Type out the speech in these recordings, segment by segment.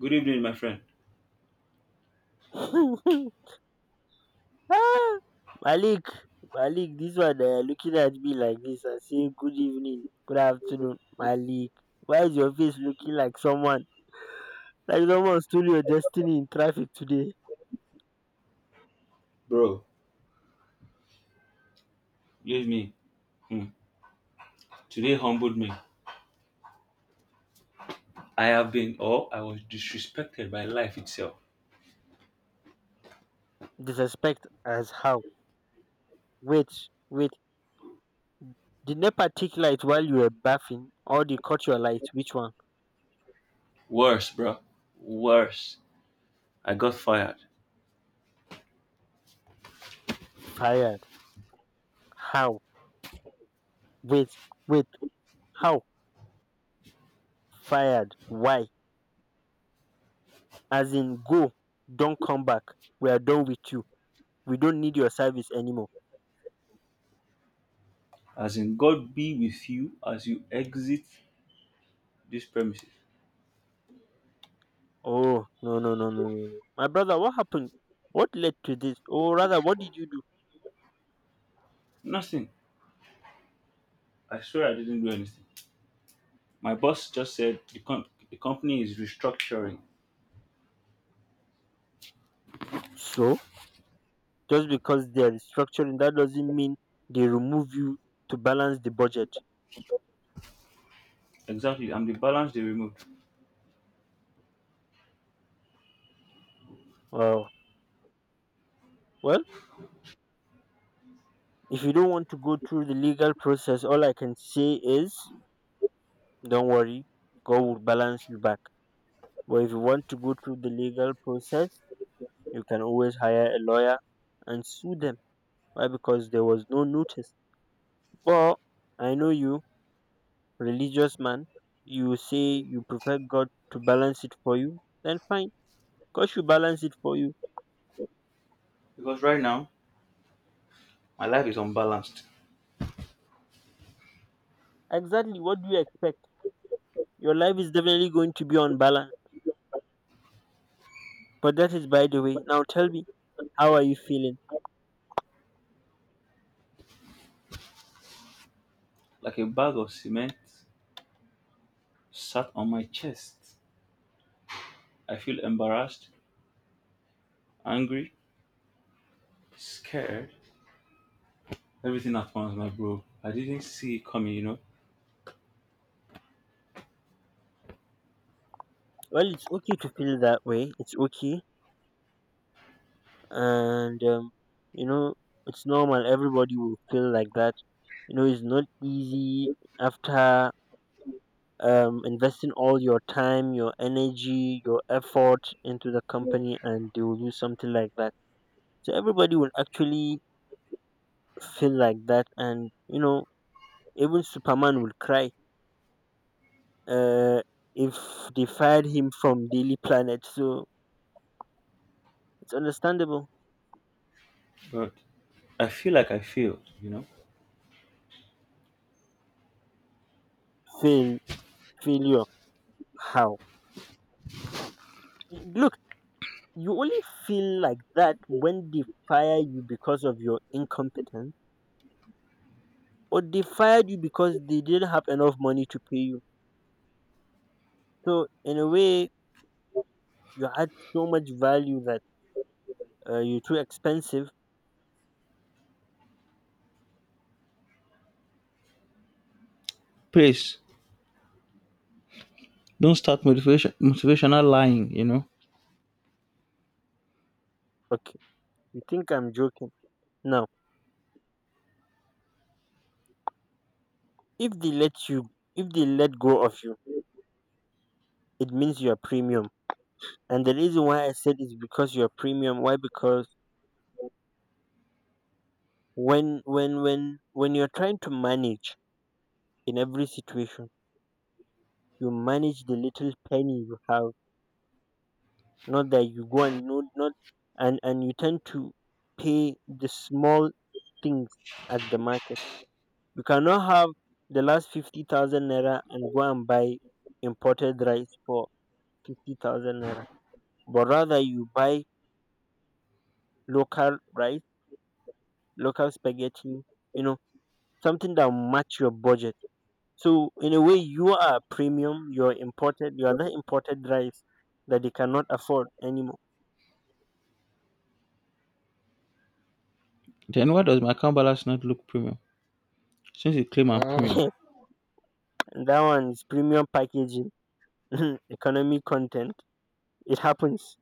Good evening, my friend. Ah! Malik, Malik, this one looking at me like this and saying good evening, good afternoon, Malik. Why is your face looking like someone? Like someone stole your destiny in traffic today. Bro, believe me, hmm, today humbled me. I have been, or I was, disrespected by life itself. Disrespect as how? Wait, wait. Did NEPA take light while you were bathing or they cut your light? Which one? Worse, bro. Worse. I got fired. Fired. How? Wait, wait. How? Fired. Why? As in go. Don't come back. We are done with you. We don't need your service anymore. As in, God be with you as you exit this premises. Oh no no no no no! No. My brother, what happened? What led to this? Or rather, what did you do? Nothing. I swear I didn't do anything. My boss just said the company is restructuring. So just because they are restructuring, that doesn't mean they remove you to balance the budget. Exactly. I'm the balance they removed. Wow. Well, if you don't want to go through the legal process, all I can say is, don't worry, God will balance you back. But if you want to go through the legal process, you can always hire a lawyer and sue them. Why? Because there was no notice. But I know you religious man, you say you prefer God to balance it for you, then fine. God should balance it for you. Because right now, my life is unbalanced. Exactly what do you expect? Your life is definitely going to be on balance. But that is by the way. Now tell me, how are you feeling? Like a bag of cement sat on my chest. I feel embarrassed, angry, scared, everything at once, my bro. I didn't see it coming, Well, it's okay to feel that way. It's okay. And, you know, it's normal. Everybody will feel like that. You know, it's not easy after investing all your time, your energy, your effort into the company, and they will do something like that. So everybody will actually feel like that, and you know, even Superman will cry uh, if they fired him from Daily Planet. So it's understandable. but I feel like I failed. Fail, failure. How? Look, you only feel like that when they fire you because of your incompetence, or they fired you because they didn't have enough money to pay you. So in a way, you add so much value that you're too expensive. Please don't start motivational lying. Okay, you think I'm joking? Now, if they let you, if they let go of you, it means you are premium. And the reason why I said is because you are premium. Why? Because when you're trying to manage in every situation, you manage the little penny you have. Not that you go and no, not and you tend to pay the small things at the market. You cannot have the last 50,000 naira and go and buy imported rice for 50,000 naira, but rather you buy local rice, local spaghetti, you know, something that will match your budget. So, in a way, you are premium, you're imported, you are that imported rice that they cannot afford anymore. Then why does my account balance not look premium? Since you claim I'm premium, And that one is premium packaging, economic content. It happens.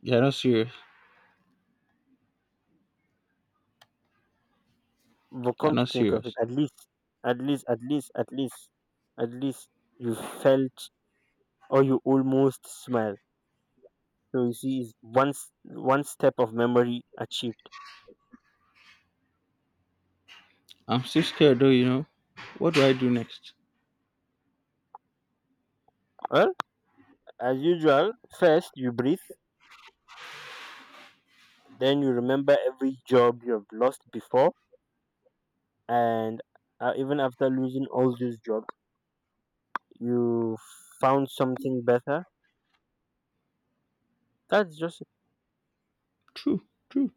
you're not serious. But You're come to not think of it, serious. at least, at least, at least, at least, at least you felt or you almost smiled. So you see, it's one step of memory achieved. I'm still scared though. What do I do next? Well, as usual, first you breathe, then you remember every job you have lost before, and even after losing all those jobs, you found something better. That's just— True, true.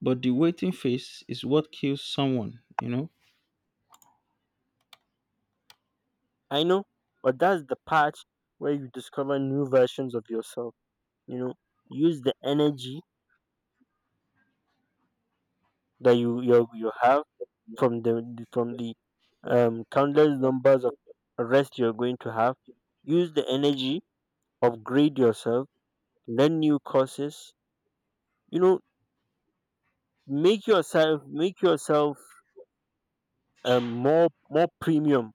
But the waiting phase is what kills someone. I know, but that's the part where you discover new versions of yourself. You know, use the energy that you have from the countless numbers of arrests you're going to have. Use the energy, upgrade yourself, learn new courses. You know, make yourself more premium.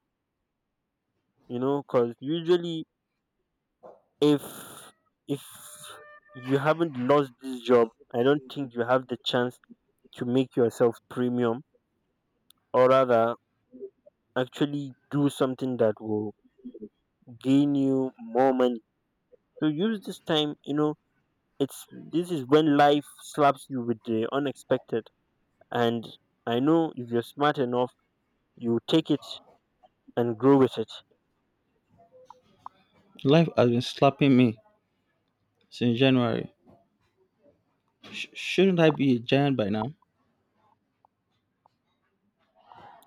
You know, because usually if if you haven't lost this job, I don't think you have the chance to make yourself premium, or rather, actually do something that will gain you more money. So use this time, you know, it's this is when life slaps you with the unexpected. And I know if you're smart enough, you take it and grow with it. Me, in January. Shouldn't I be a giant by now?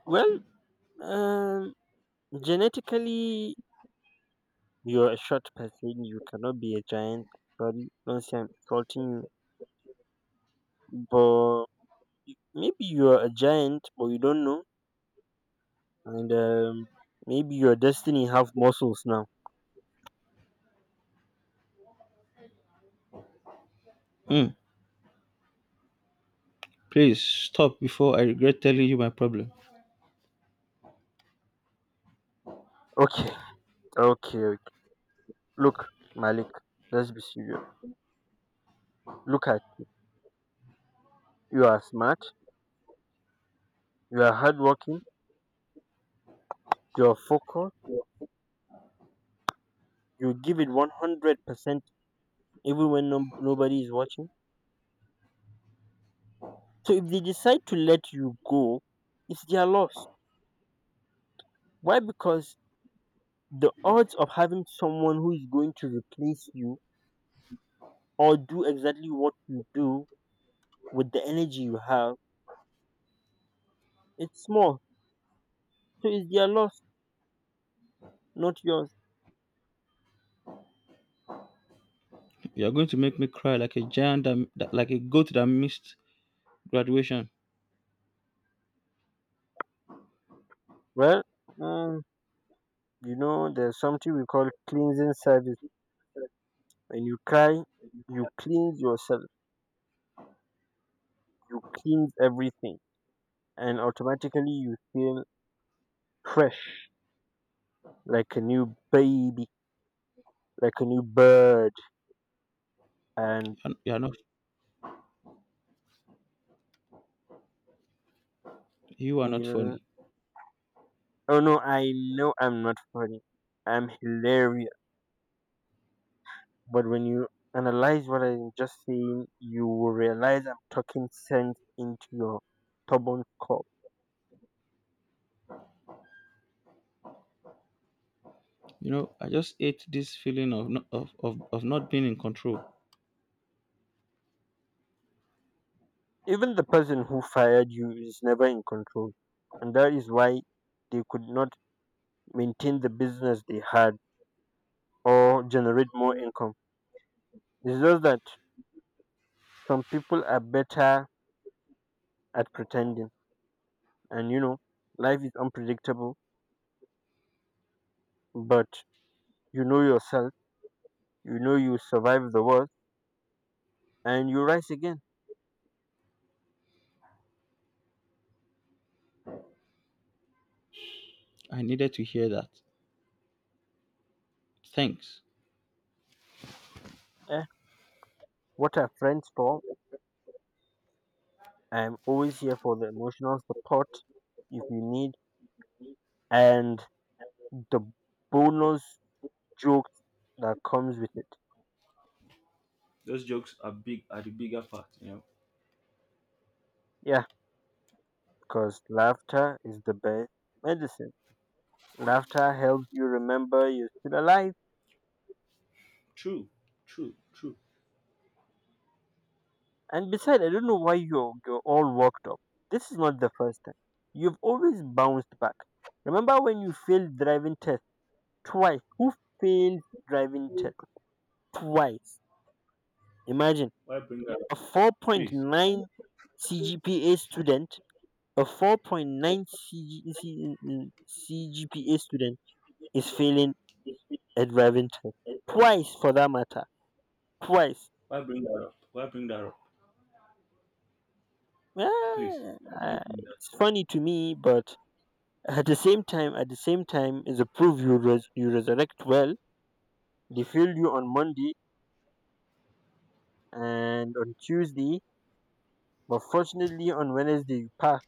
Well, um, genetically, you're a short person. You cannot be a giant. Sorry, don't say I'm insulting you. But maybe you're a giant, but you don't know. And maybe your destiny have muscles now. Hmm. Please stop before I regret telling you my problem. Okay, okay, okay. Look, Malik, let's be serious. Look at— you are smart, you are hardworking, you are focused, you give it 100% even when no, nobody is watching. So if they decide to let you go, it's their loss. Why? Because the odds of having someone who is going to replace you or do exactly what you do with the energy you have, it's small. So it's their loss, not yours. You're going to make me cry like a giant, like a goat that missed graduation. Well, mm, you know, there's something we call cleansing service. When you cry, you cleanse yourself, you cleanse everything, and automatically you feel fresh, like a new baby, like a new bird. And And you are you not know, funny. oh no, I know I'm not funny. I'm hilarious. But when you analyze what I'm just saying, you will realize I'm talking sense into your stubborn core. You know, I just ate this feeling of of not being in control. Even the person who fired you is never in control, and that is why they could not maintain the business they had or generate more income. It's just that some people are better at pretending. And you know, life is unpredictable, but you know yourself, you know you survive the worst, and you rise again. I needed to hear that. Thanks. Eh, what are friends for? I'm always here for the emotional support if you need, and the bonus jokes that comes with it. Those jokes are big are the bigger part. Yeah, because laughter is the best medicine. Laughter helps you remember you're still alive. True, true, true. And besides, I don't know why you're all worked up. This is not the first time. You've always bounced back. Remember when you failed driving test twice? Who failed driving test twice? Imagine Why bring that up? a Please. 4.9 CGPA student, a 4.9 CG, CGPA student is failing a driving test twice for that matter. Twice. Why bring that up? Why bring that up? Please. Yeah, Why do you bring it's that up? funny to me, but at the same time, at the same time is a proof you resurrect well. They failed you on Monday and on Tuesday, but fortunately on Wednesday you pass.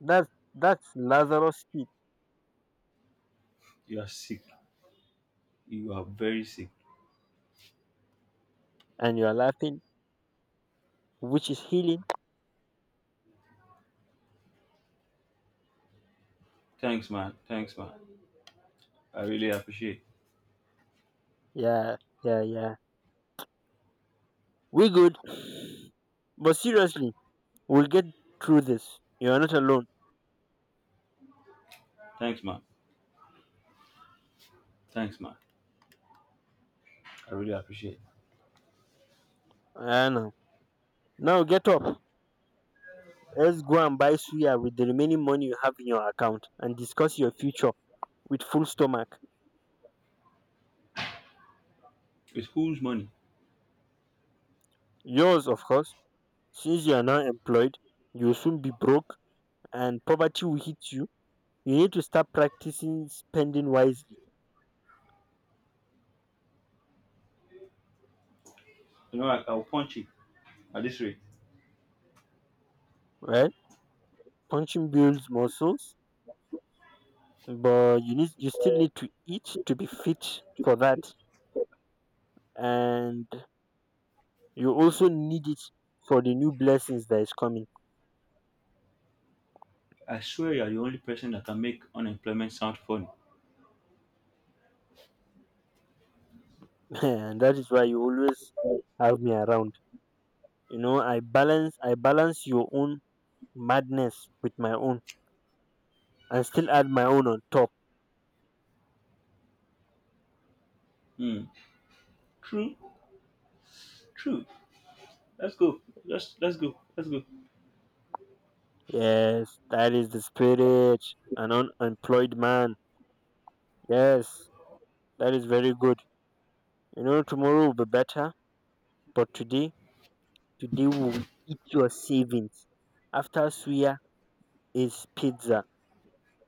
That's that's Lazarus speed, You are sick. You are very sick. and you are laughing, which is healing. Thanks, man. Thanks, man. I really appreciate. Yeah, yeah, yeah. We good, but seriously, we'll get through this. You are not alone. Thanks, man. Thanks, man. I really appreciate. I know. Now get up. Let's go and buy suya with the remaining money you have in your account and discuss your future with full stomach. It's whose money? Yours, of course. Since you are now employed, you'll soon be broke and poverty will hit you. You need to start practicing spending wisely. I'll punch it at this rate. Well, punching builds muscles, but you still need to eat to be fit for that, and you also need it for the new blessings that is coming. I swear you are the only person that can make unemployment sound funny. And that is why you always have me around. You know, I balance your own madness with my own, and still add my own on top. Hmm. True, true. Let's go. Let's go. Let's go. Yes, that is the spirit. An unemployed man. Yes, that is very good. You know, tomorrow will be better, but today, today we will eat your savings. After suya is pizza.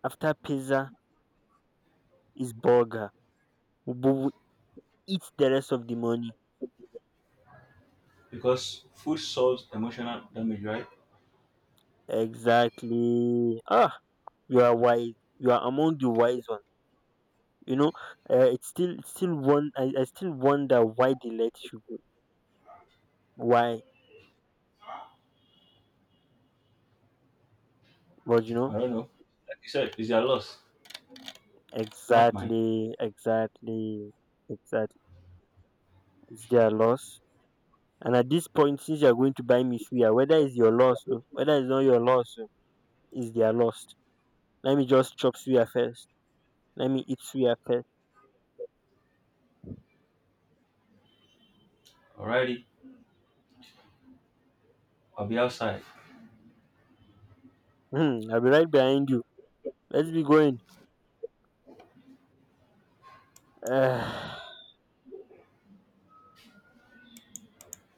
After pizza is burger. We will eat the rest of the money. Because food solves emotional damage, right? Exactly. Ah, you are wise. You are among the wise ones. You know, it's still one. I still wonder why they let you go. Why? But you I know. don't know. Like you said, it's your loss, not mine. Exactly, exactly, exactly. It's their loss. And at this point, since you're going to buy me suya, whether it's your loss, o, whether it's not your loss, o, it's their loss. Let me just chop suya first. Let me eat suya first. Alrighty, I'll be outside. Hmm, I'll be right behind you. Let's be going.